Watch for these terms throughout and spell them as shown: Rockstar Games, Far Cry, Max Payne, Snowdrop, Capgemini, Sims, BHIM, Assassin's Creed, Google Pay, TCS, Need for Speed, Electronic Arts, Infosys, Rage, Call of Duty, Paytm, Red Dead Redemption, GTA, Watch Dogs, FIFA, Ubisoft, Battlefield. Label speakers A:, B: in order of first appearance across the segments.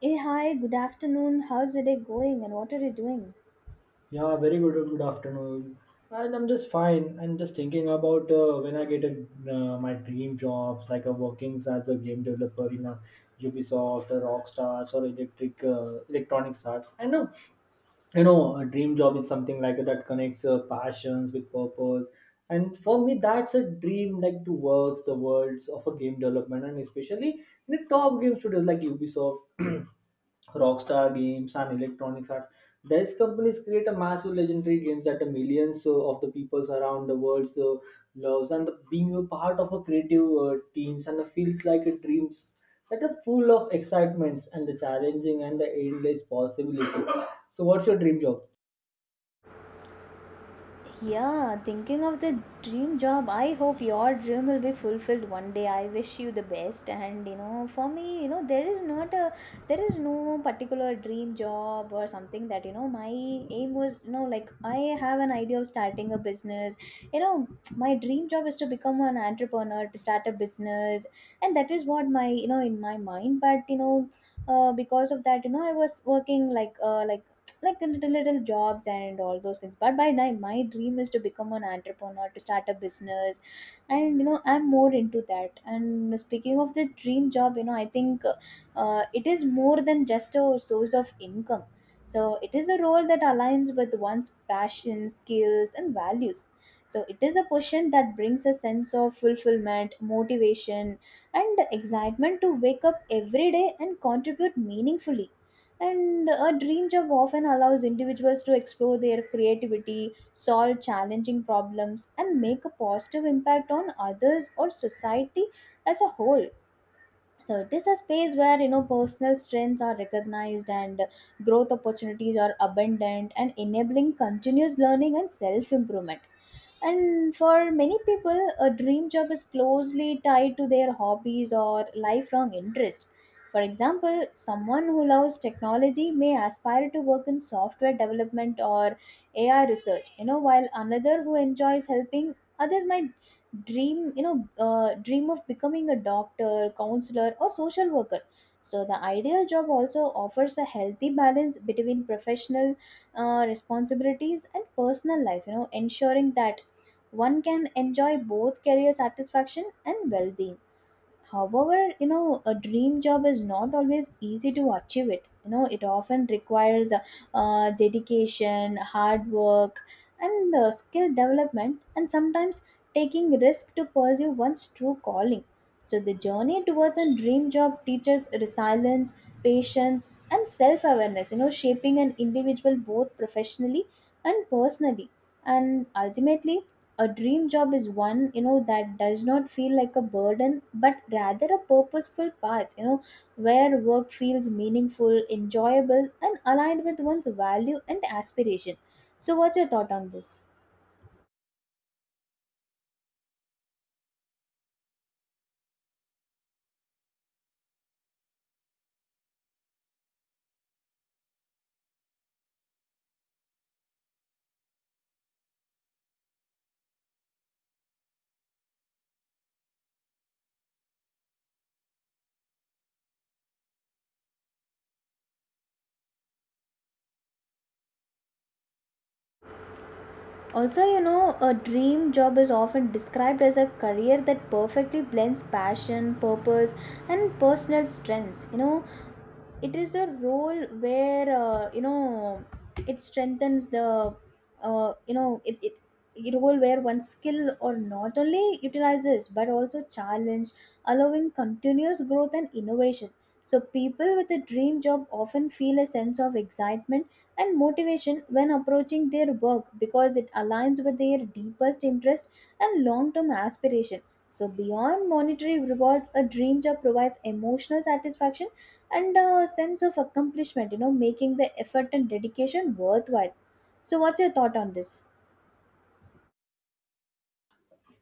A: Hey, hi, good afternoon. How's the day going and what are you doing?
B: Yeah, very good. Good afternoon. And I'm just fine. I'm just thinking about when I get a, my dream jobs, like a working as a game developer in a Ubisoft or Rockstars or Electric Electronics Arts. I know, you know, a dream job is something like that connects passions with purpose. And for me, that's a dream, like to work the worlds of a game development, and especially in a top game studios like Ubisoft. Rockstar Games and Electronic Arts. These companies create a massive legendary games that the millions of the peoples around the world loves, and the, being a part of a creative teams and the feels like a dreams that are full of excitements and the challenging and the endless possibilities. So, what's your dream job?
A: Yeah, thinking of the dream job, I hope your dream will be fulfilled one day. I wish you the best. And you know, for me, you know, there is no particular dream job or something that you know, my aim was you know, like I have an idea of starting a business. You know, my dream job is to become an entrepreneur, to start a business, and that is what my you know in my mind. But you know, because of that, you know, I was working like the little jobs and all those things, but by now my dream is to become an entrepreneur, to start a business, and you know I'm more into that. And speaking of the dream job, you know, I think it is more than just a source of income. So it is a role that aligns with one's passion, skills, and values. So it is a position that brings a sense of fulfillment, motivation, and excitement to wake up every day and contribute meaningfully. And a dream job often allows individuals to explore their creativity, solve challenging problems, and make a positive impact on others or society as a whole. So it is a space where, you know, personal strengths are recognized and growth opportunities are abundant, and enabling continuous learning and self improvement. And for many people, a dream job is closely tied to their hobbies or lifelong interest. For example, someone who loves technology may aspire to work in software development or AI research, you know, while another who enjoys helping others might dream you know dream of becoming a doctor, counselor, or social worker. So the ideal job also offers a healthy balance between professional responsibilities and personal life, you know, ensuring that one can enjoy both career satisfaction and well-being. However, you know, a dream job is not always easy to achieve it. You know, it often requires dedication, hard work, and skill development, and sometimes taking risk to pursue one's true calling. So, the journey towards a dream job teaches resilience, patience, and self awareness, you know, shaping an individual both professionally and personally. And ultimately, a dream job is one, you know, that does not feel like a burden, but rather a purposeful path, you know, where work feels meaningful, enjoyable, and aligned with one's value and aspiration. So what's your thought on this? Also, you know, a dream job is often described as a career that perfectly blends passion, purpose, and personal strengths. You know, it is a role where it strengthens the you know it, it a role where one skill or not only utilizes but also challenge, allowing continuous growth and innovation. So people with a dream job often feel a sense of excitement and motivation when approaching their work, because it aligns with their deepest interest and long-term aspiration. So beyond monetary rewards, a dream job provides emotional satisfaction and a sense of accomplishment, you know, making the effort and dedication worthwhile. So what's your thought on this?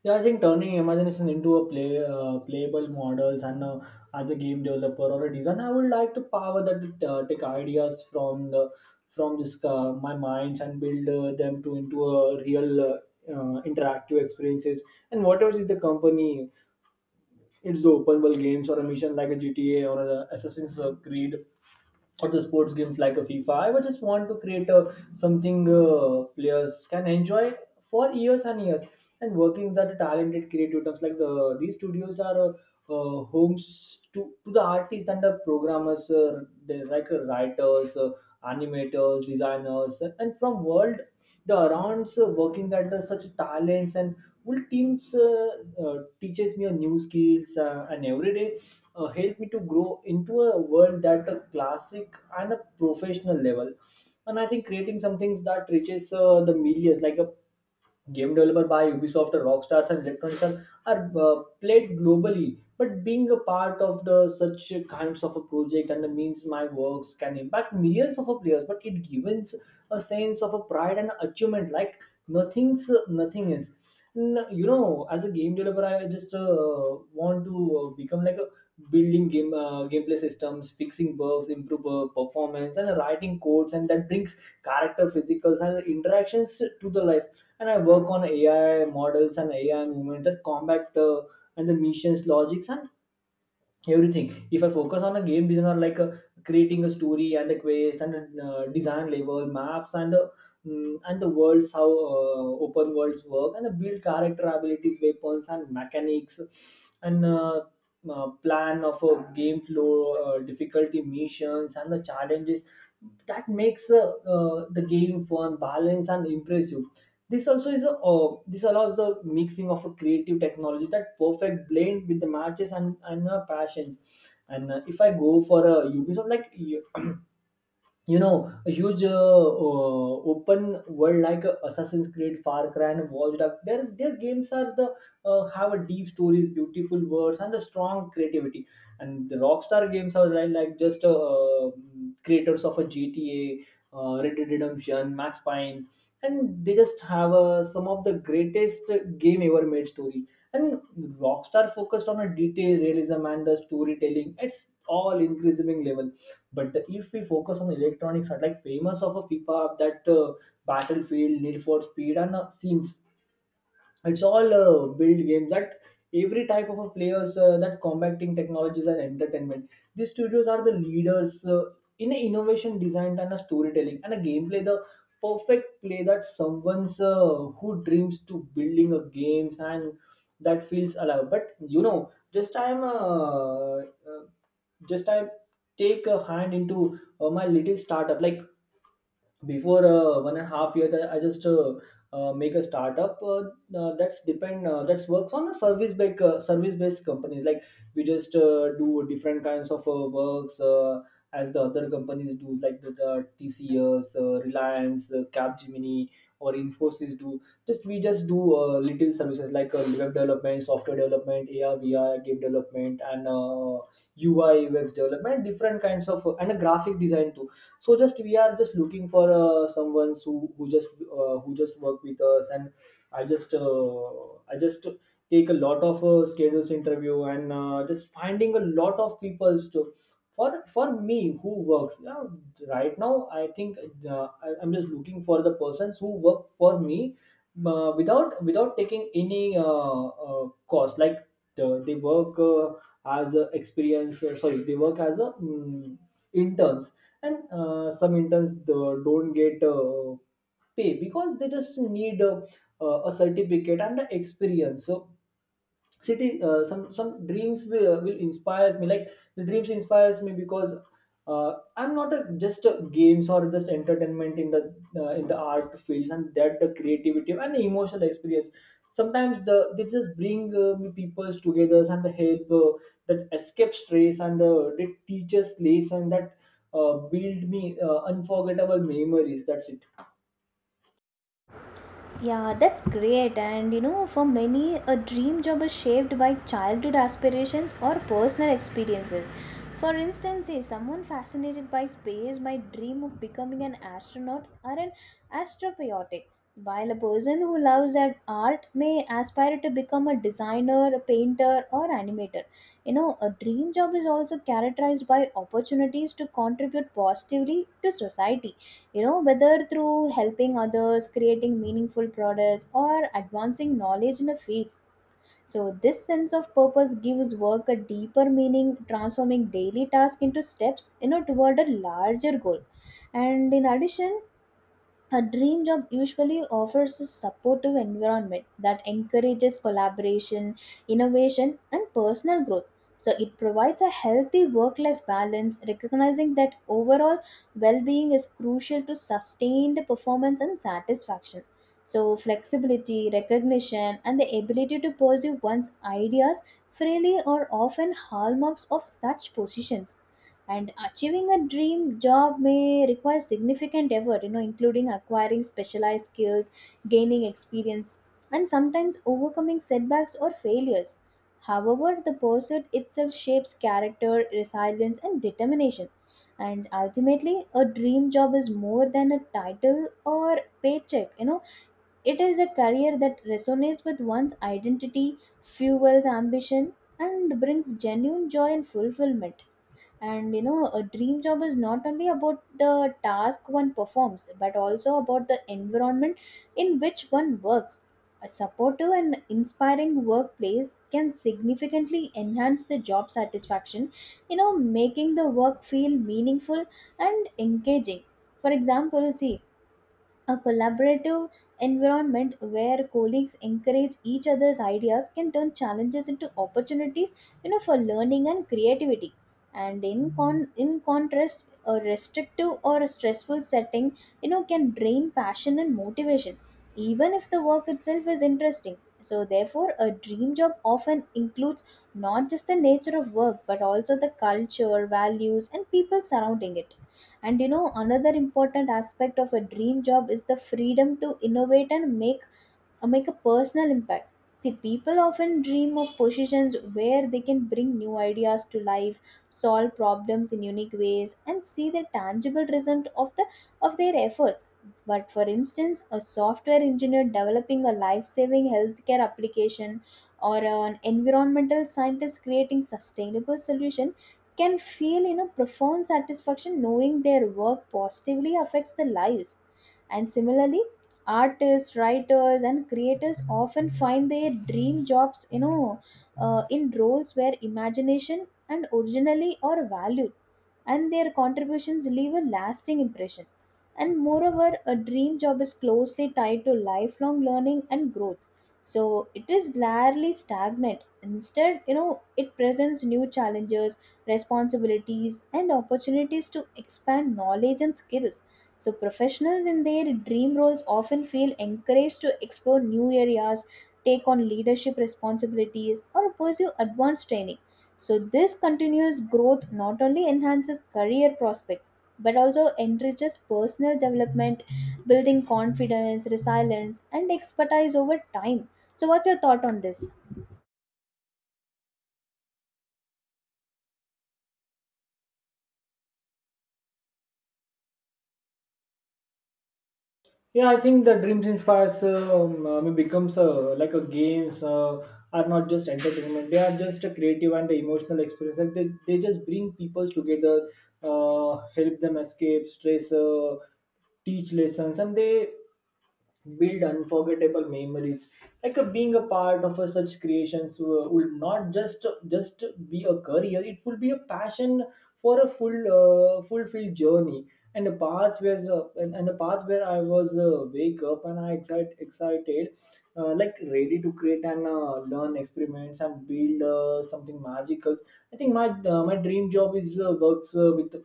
B: Yeah, I think turning imagination into a play, playable models and as a game developer or a designer, I would like to power that take ideas from the from this my minds and build them to into a real interactive experiences. And whatever is the company, it's the open world games or a mission like a GTA or a Assassin's Creed or the sports games like a FIFA. I would just want to create a, something players can enjoy for years and years. And working that talented creative teams like the these studios are homes to the artists and the programmers, they like writers, animators, designers, and from world the arounds working that the such talents and well, Teams teaches me a new skills and every day help me to grow into a world that a classic and a professional level. And I think creating some things that reaches the millions, like a game developer by Ubisoft or Rockstars and Electronic Arts are played globally. But being a part of the such kinds of a project and the means my works can impact millions of a players, but it gives a sense of a pride and achievement like nothing else. You know, as a game developer, I just want to become like a building game gameplay systems, fixing bugs, improve performance, and writing codes, and that brings character, physicals, and interactions to the life. And I work on AI models and AI movement that combat and the missions logics and everything. If I focus on a game designer like creating a story and a quest and design level maps and the and the worlds how open worlds work and build character abilities, weapons and mechanics and plan of a game flow, difficulty missions and the challenges that makes the game fun, balanced and impressive. This also is a this allows the mixing of a creative technology that perfect blend with the matches and passions. And if I go for a Ubisoft, like you- you know a huge open world like Assassin's Creed, Far Cry and Watch Dogs, their games are the have a deep stories, beautiful words and a strong creativity. And the Rockstar games are like just creators of a GTA, Red Dead Redemption, Max Payne, and they just have some of the greatest game ever made story. And Rockstar focused on a detail realism and the storytelling, it's all increasing level. But if we focus on Electronics, are like famous of a FIFA that Battlefield, Need for Speed, and Sims, it's all a build games that every type of a players that combating technologies and entertainment. These studios are the leaders in innovation design and a storytelling and a gameplay, the perfect play that someone's who dreams to building a games and that feels alive. But you know just I take a hand into my little startup, like before 1.5 year that I just make a startup that's depend that's works on a service based companies, like we just do different kinds of works as the other companies do, like the TCS, Reliance, Capgemini or Infosys do. Just we just do little services, like web development, software development, AR VR game development and UI UX development, different kinds of, and a graphic design too. So just we are just looking for someone who just who just work with us. And I just take a lot of schedules interview and just finding a lot of people to for me who works right now. I think I'm just looking for the persons who work for me without taking any cost, like they work as a experience sorry they work as a interns. And some interns don't get pay because they just need a certificate and the experience. So city some dreams will inspire me, like the dreams inspires me because I'm not a, just a games or just entertainment in the art field and that the creativity and the emotional experience. Sometimes the they just bring me peoples together and the help that escape stress and the that teaches lesson that build me unforgettable memories. That's it.
A: Yeah, that's great. And you know, for many, a dream job is shaped by childhood aspirations or personal experiences. For instance, say someone fascinated by space might dream of becoming an astronaut or an astropiotic, while a person who loves at art may aspire to become a designer, a painter, or animator. You know, a dream job is also characterized by opportunities to contribute positively to society, you know, whether through helping others, creating meaningful products, or advancing knowledge in a field. So this sense of purpose gives work a deeper meaning, transforming daily tasks into steps, you know, toward a larger goal. And in addition, a dream job usually offers a supportive environment that encourages collaboration, innovation, and personal growth. So, it provides a healthy work life balance, recognizing that overall well being is crucial to sustained performance and satisfaction. So, flexibility, recognition, and the ability to pursue one's ideas freely are often hallmarks of such positions. And achieving a dream job may require significant effort, you know, including acquiring specialized skills, gaining experience, and sometimes overcoming setbacks or failures. However, the pursuit itself shapes character, resilience, and determination. And ultimately, a dream job is more than a title or paycheck. You know, it is a career that resonates with one's identity, fuels ambition, and brings genuine joy and fulfillment. And you know, a dream job is not only about the task one performs, but also about the environment in which one works. A supportive and inspiring workplace can significantly enhance the job satisfaction, you know, making the work feel meaningful and engaging. For example, see, a collaborative environment where colleagues encourage each other's ideas can turn challenges into opportunities, you know, for learning and creativity. And in contrast, a restrictive or a stressful setting, you know, can drain passion and motivation, even if the work itself is interesting. So therefore, a dream job often includes not just the nature of work, but also the culture, values, and people surrounding it. And you know, another important aspect of a dream job is the freedom to innovate and make a personal impact. See, people often dream of positions where they can bring new ideas to life, solve problems in unique ways, and see the tangible result of the of their efforts. But for instance, a software engineer developing a life-saving healthcare application or an environmental scientist creating sustainable solution can feel, you know, profound satisfaction knowing their work positively affects the lives. And similarly, artists, writers, and creators often find their dream jobs, you know, in roles where imagination and originally are valued, and their contributions leave a lasting impression. And moreover, a dream job is closely tied to lifelong learning and growth. So it is rarely stagnant. Instead, you know, it presents new challenges, responsibilities, and opportunities to expand knowledge and skills. So, professionals in their dream roles often feel encouraged to explore new areas, take on leadership responsibilities, or pursue advanced training. So, this continuous growth not only enhances career prospects but also enriches personal development, building confidence, resilience, and expertise over time. So, what's your thought on this?
B: Yeah, I think the dreams inspires becomes like a games are not just entertainment. They are just a creative and emotional experience. Like they just bring people together, help them escape stress, teach lessons, and they build unforgettable memories, like being a part of such creations would not just be a career, it would be a passion for a full fulfilled journey. And the parts where and the parts where I was wake up and I excited, like ready to create and learn experiments and build something magical. I think my dream job is works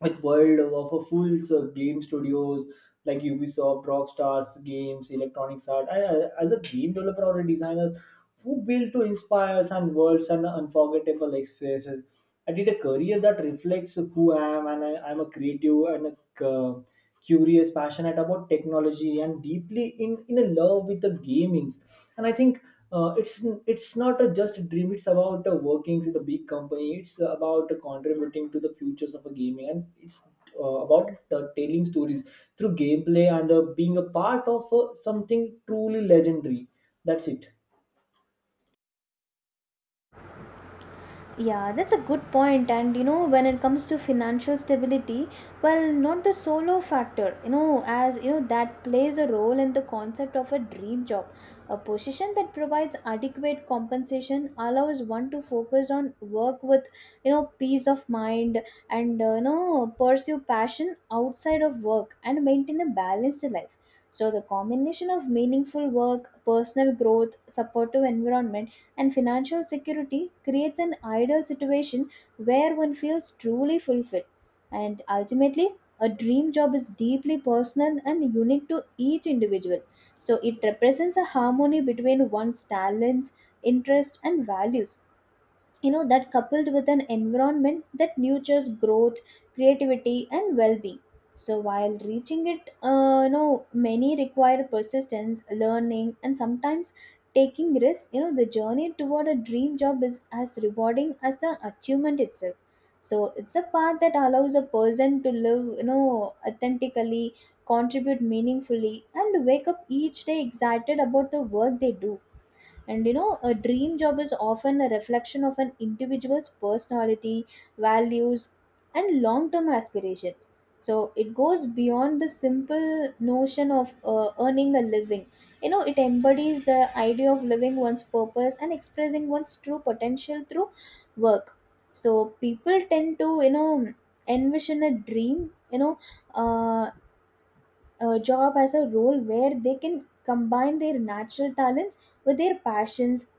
B: with world of a full of game studios, like Ubisoft, Rockstars, games, Electronics Art. I- as a game developer or a designer who built to inspire us and worlds and unforgettable experiences, I did a career that reflects who I am, and I, I'm a creative and a curious passionate about technology and deeply in a love with the gamings. And I think uh, it's it's not a just a dream, it's about the workings in the big company, it's about contributing to the futures of a gaming, and it's about the telling stories through gameplay and being a part of something truly legendary. That's it.
A: Yeah, that's a good point. And you know, when it comes to financial stability, well, not the solo factor, you know, as you know, that plays a role in the concept of a dream job. A position that provides adequate compensation allows one to focus on work with, you know, peace of mind, and, you know, pursue passion outside of work and maintain a balanced life. So, the combination of meaningful work, personal growth, supportive environment, and financial security creates an ideal situation where one feels truly fulfilled. And ultimately, a dream job is deeply personal and unique to each individual. So it represents a harmony between one's talents, interests, and values, you know, that coupled with an environment that nurtures growth, creativity, and well-being. So while reaching it, you know, many require persistence, learning, and sometimes taking risk. You know, the journey toward a dream job is as rewarding as the achievement itself. So it's a path that allows a person to live, you know, authentically, contribute meaningfully, and wake up each day excited about the work they do. And you know, a dream job is often a reflection of an individual's personality, values, and long-term aspirations. So it goes beyond the simple notion of earning a living. You know, it embodies the idea of living one's purpose and expressing one's true potential through work. So people tend to, you know, envision a dream you know uh, job as a role where they can combine their natural talents with their passions,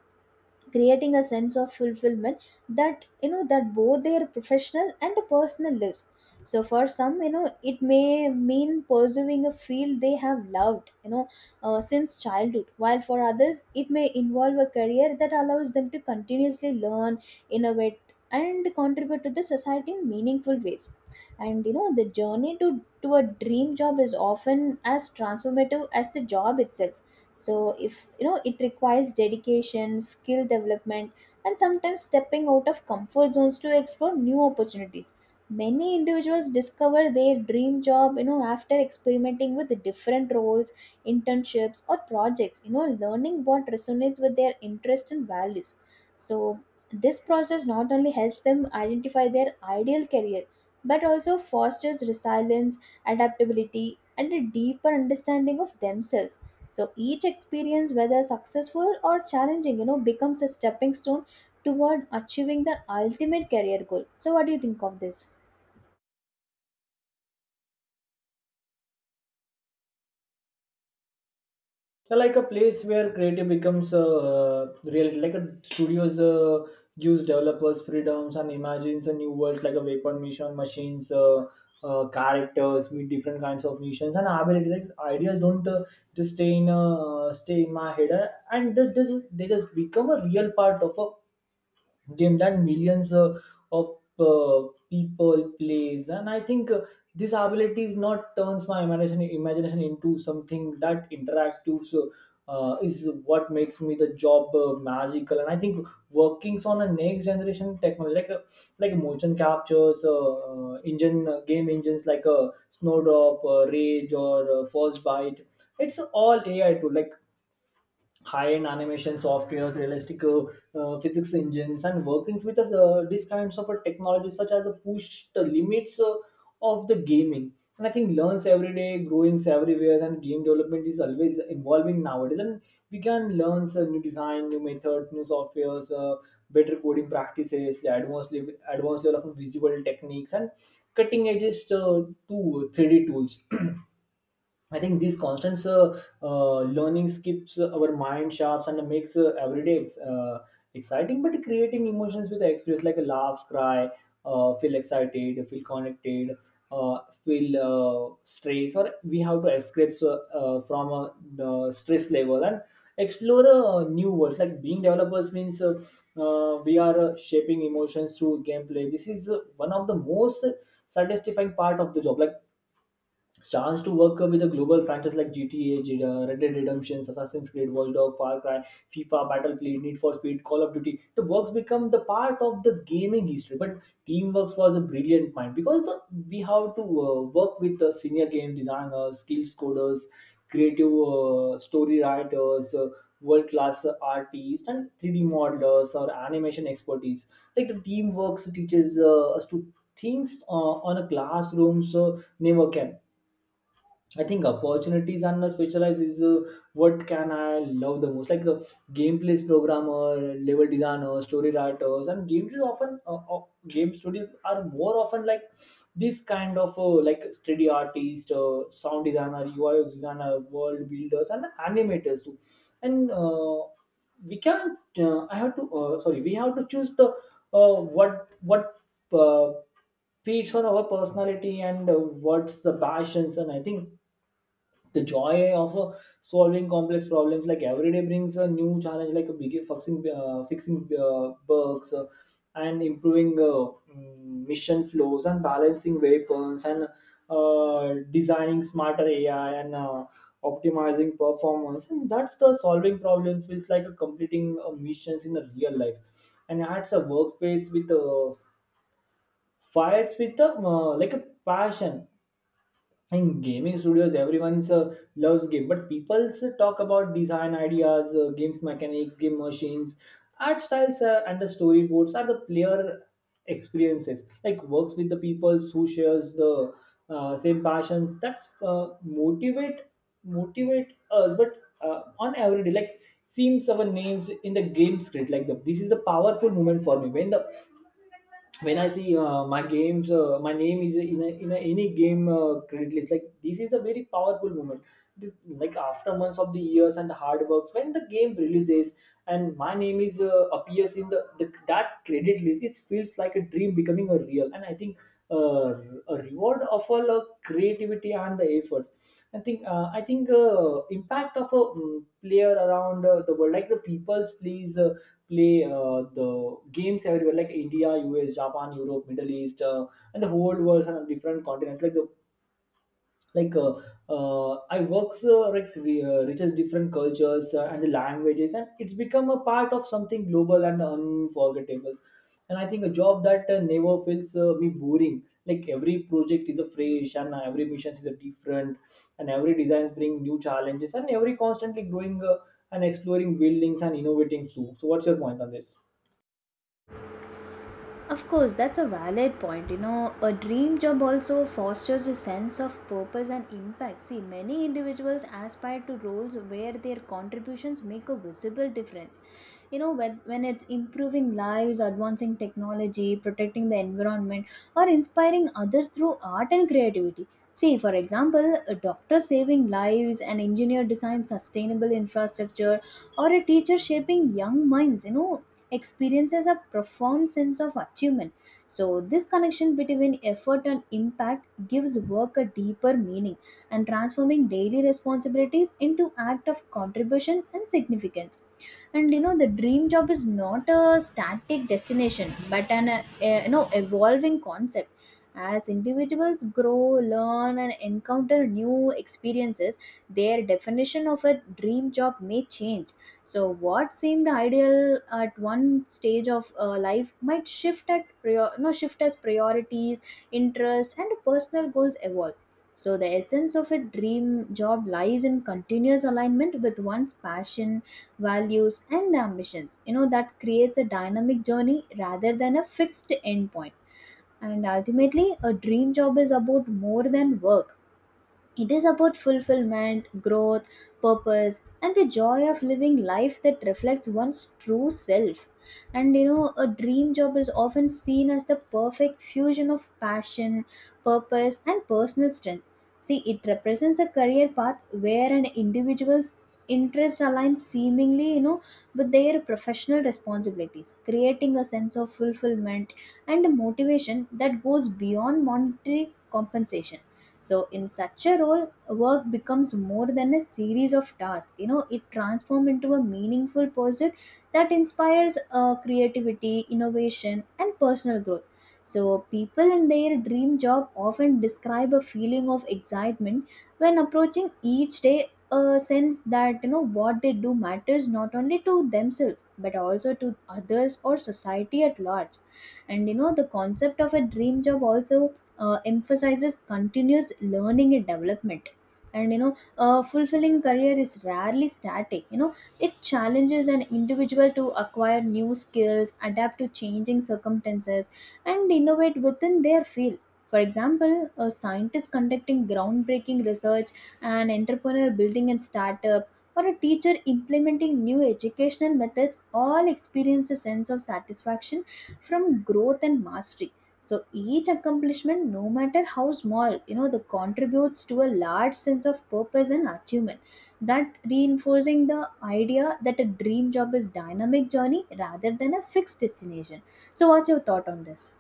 A: creating a sense of fulfillment that, you know, that both their professional and personal lives. So for some, you know, it may mean pursuing a field they have loved, you know, since childhood, while for others it may involve a career that allows them to continuously learn, innovate, and contribute to the society in meaningful ways. And you know, the journey to a dream job is often as transformative as the job itself. So, if you know, it requires dedication, skill development, and sometimes stepping out of comfort zones to explore new opportunities. Many individuals discover their dream job, you know, after experimenting with different roles, internships, or projects, you know, learning what resonates with their interests and values. So this process not only helps them identify their ideal career, but also fosters resilience, adaptability, and a deeper understanding of themselves. So each experience, whether successful or challenging, you know, becomes a stepping stone toward achieving the ultimate career goal. So, what do you think of this?
B: Yeah, like a place where creative becomes real, like a studios gives developers freedoms and imagines a new world, like a weapon mission machines characters with different kinds of missions and ability, like ideas don't just stay in my head and they just become a real part of a game that millions of people plays. And I think this ability is not turns my imagination into something that interactive, so, is what makes me the job magical. And I think workings on a next generation technology, like motion captures engine game engines like a Snowdrop, Rage or First Bite, it's all AI tool, like high-end animation softwares, realistic physics engines, and workings with these kinds of technologies such as push the limits of the gaming. And I think learns every day, growings everywhere, and game development is always evolving nowadays. And we can learn some new design, new methods, new softwares, better coding practices, the advanced level of visual techniques, and cutting edges to 3D tools. I think these constant learning keeps our mind sharp and makes every day exciting. But creating emotions with experience, like a laugh, cry, feel excited, feel connected, feel stress, or we have to escape from a the stress level and explore a new world. Like being developers means we are shaping emotions through gameplay. This is one of the most satisfying part of the job. Like chance to work with a global franchise like GTA, Red Dead Redemption, Assassin's Creed, Watch Dogs, Far Cry, FIFA, Battlefield, Need for Speed, Call of Duty. The works become the part of the gaming history. But Teamworks was a brilliant mind because we have to work with the senior game designers, skills coders, creative story writers, world class artists, and 3D modelers or animation expertise. Like the Teamworks teaches us to things on a classroom so never can I think opportunities and the specialized is what can I love the most. Like gameplays programmer, level designer, story writers, and games is often game studios are more often like this kind of like 3D artist, sound designer, UI designer, world builders, and animators too. And We can I have to sorry we have to choose the what uh, fits on our personality and what's the passions. And I think the joy of solving complex problems, like every day, brings a new challenge, like a big fixing bugs, and improving, mission flows and balancing weapons and designing smarter AI and optimizing performance. And that's the solving problems feels like a completing missions in a real life. And I a workspace with fights with like a passion in gaming studios, everyone's loves game, but people talk about design ideas, games mechanics, game machines, art styles, and the storyboards are the player experiences, like works with the people who shares the same passions. That's motivate us, but on every day, like seems our names in the game script. Like this is a powerful moment for me when the when I see my games, my name is in a any game credit list. Like this is a very powerful moment. Like after months of the years and the hard works, when the game releases and my name is appears in the that credit list, it feels like a dream becoming a real. And I think uh, a reward of all creativity and the efforts. I think impact of a player around the world, like the peoples please play the games everywhere, like India, US, Japan, Europe, Middle East, and the whole world and different continents. Like the like I works reaches different cultures and the languages, and it's become a part of something global and unforgettable. And I think a job that never feels me boring, like every project is a fresh, and every mission is a different, and every designs bring new challenges, and every constantly growing and exploring buildings and innovating too. So what's your point on this?
A: Of course, that's a valid point. You know, a dream job also fosters a sense of purpose and impact. See, many individuals aspire to roles where their contributions make a visible difference. You know, when it's improving lives, advancing technology, protecting the environment, or inspiring others through art and creativity. See, for example, a doctor saving lives, an engineer designing sustainable infrastructure, or a teacher shaping young minds. You know, experiences a profound sense of achievement. So, this connection between effort and impact gives work a deeper meaning and transforming daily responsibilities into act of contribution and significance, and you know the dream job is not a static destination but an evolving concept. As individuals grow, learn, and encounter new experiences, their definition of a dream job may change. So, what seemed ideal at one stage of life might shift at prior- no shift as priorities, interest, and personal goals evolve. So, the essence of a dream job lies in continuous alignment with one's passion, values, and ambitions. You know that creates a dynamic journey rather than a fixed endpoint. And ultimately, a dream job is about more than work, it is about fulfillment, growth, purpose, and the joy of living life that reflects one's true self. And you know, a dream job is often seen as the perfect fusion of passion, purpose, and personal strength. See, it represents a career path where an individual's interest aligns seemingly, you know, with their professional responsibilities, creating a sense of fulfillment and motivation that goes beyond monetary compensation. So in such a role, work becomes more than a series of tasks. You know, it transforms into a meaningful pursuit that inspires creativity, innovation, and personal growth. So people in their dream job often describe a feeling of excitement when approaching each day, a sense that you know what they do matters not only to themselves but also to others or society at large. And you know the concept of a dream job also emphasizes continuous learning and development. And you know a fulfilling career is rarely static. You know, it challenges an individual to acquire new skills, adapt to changing circumstances, and innovate within their field. For example, a scientist conducting groundbreaking research, an entrepreneur building a startup, or a teacher implementing new educational methods all experience a sense of satisfaction from growth and mastery. So each accomplishment, no matter how small, you know, the contributes to a large sense of purpose and achievement. That reinforcing the idea that a dream job is dynamic journey rather than a fixed destination. So what's your thought on this?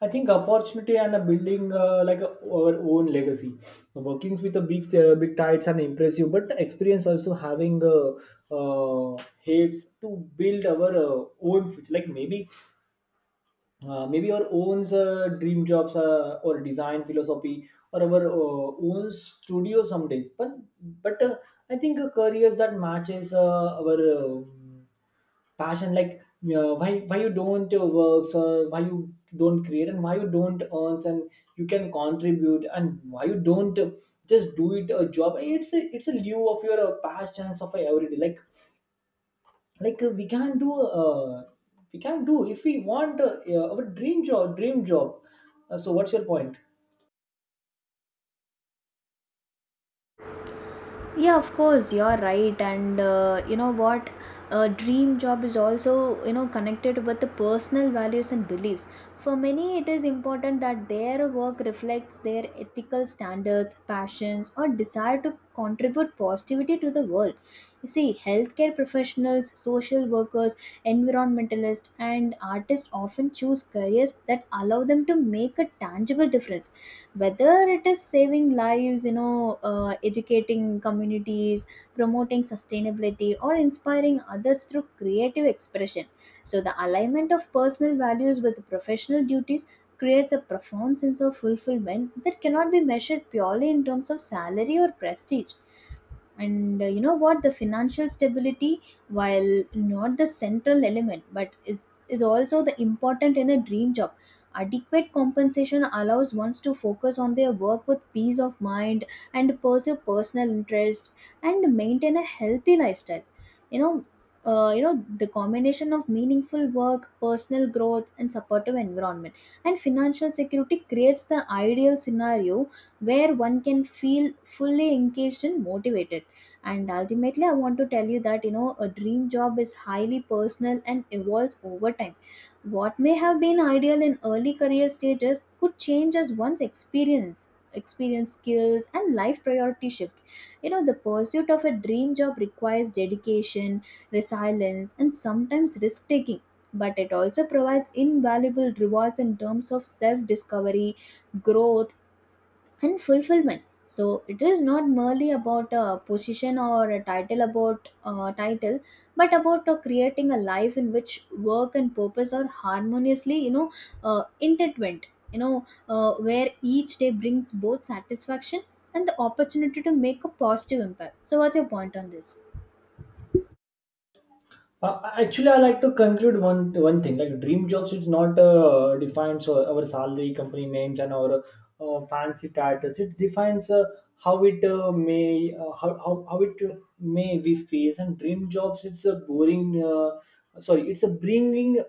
B: I think opportunity and a building like a, our own legacy. Workings with the big tides and impressive, but experience also having uh, helps to build our own future. Like maybe our own dream jobs, or design philosophy, or our own studio some days. But I think a careers that matches our passion. Like why you don't works, or why you don't create, and why you don't earn, and you can contribute, and why you don't just do it a job. It's a lieu of your passions of everyday. We can do we can do if we want, our dream job. So what's your point?
A: Yeah, of course, you're right. And you know what, a dream job is also you know connected with the personal values and beliefs. For many it is important that their work reflects their ethical standards, passions, or desire to contribute positivity to the world. You see, healthcare professionals, social workers, environmentalists, and artists often choose careers that allow them to make a tangible difference, whether it is saving lives, you know, educating communities, promoting sustainability, or inspiring others through creative expression. So the alignment of personal values with professional duties creates a profound sense of fulfillment that cannot be measured purely in terms of salary or prestige. And you know what, the financial stability, while not the central element, but is also the important in a dream job. Adequate compensation allows ones to focus on their work with peace of mind and pursue personal interest and maintain a healthy lifestyle. You know, you know the combination of meaningful work, personal growth, and supportive environment, and financial security creates the ideal scenario where one can feel fully engaged and motivated. And ultimately, I want to tell you that you know a dream job is highly personal and evolves over time. What may have been ideal in early career stages could change as one's experience, skills, and life priority shift. You know the pursuit of a dream job requires dedication, resilience, and sometimes risk taking, but it also provides invaluable rewards in terms of self discovery, growth, and fulfillment. So it is not merely about a position or a title, about title but about creating a life in which work and purpose are harmoniously, you know, intertwined. You know, where each day brings both satisfaction and the opportunity to make a positive impact. So what's your point on this?
B: Actually, I like to conclude one thing. Like dream jobs, it's not defines our salary, company names, and our fancy titles. It defines how it may we feel. And dream jobs, it's a bringing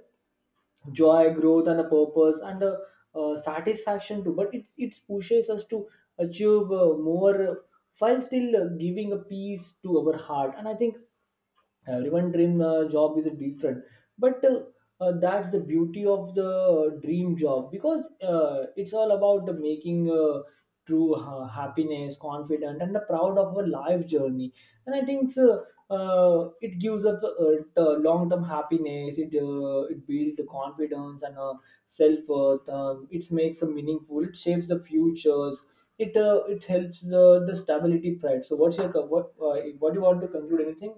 B: joy, growth, and a purpose, and a satisfaction too. But it pushes us to achieve more while still giving a peace to our heart. And I think everyone dream job is different, but that's the beauty of the dream job, because it's all about the making true happiness, confident, and the proud of our life journey. And I think so, it gives up long term happiness, it builds confidence and self worth. It makes a meaningful, it shapes the futures, it helps the stability pride. So what's your what do you want to conclude anything?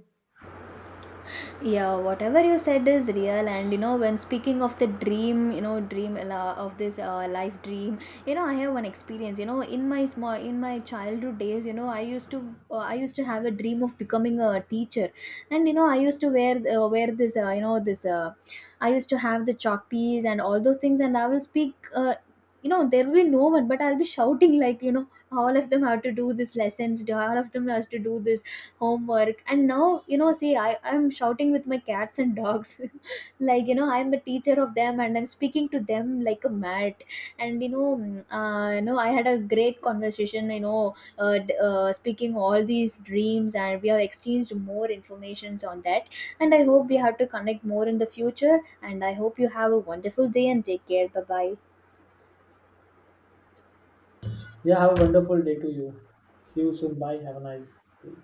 A: Yeah, whatever you said is real. And you know, when speaking of the dream, you know, of this life dream, you know, I have one experience. You know, in my childhood days, you know, I used to have a dream of becoming a teacher. And you know, I used to wear this you know, this, I used to have the chalk piece and all those things, and I will speak, you know, there will be no one, but I'll be shouting like, you know, all of them have to do this lessons, all of them has to do this homework. And now, you know, see, I'm shouting with my cats and dogs like, you know, I'm the teacher of them, and I'm speaking to them like a mad. And you know you know, I had a great conversation, you know, speaking all these dreams, and we have exchanged more informations on that. And I hope we have to connect more in the future, and I hope you have a wonderful day and take care. Bye bye.
B: Yeah, have a wonderful day to you. See you soon. Bye. Have a nice day.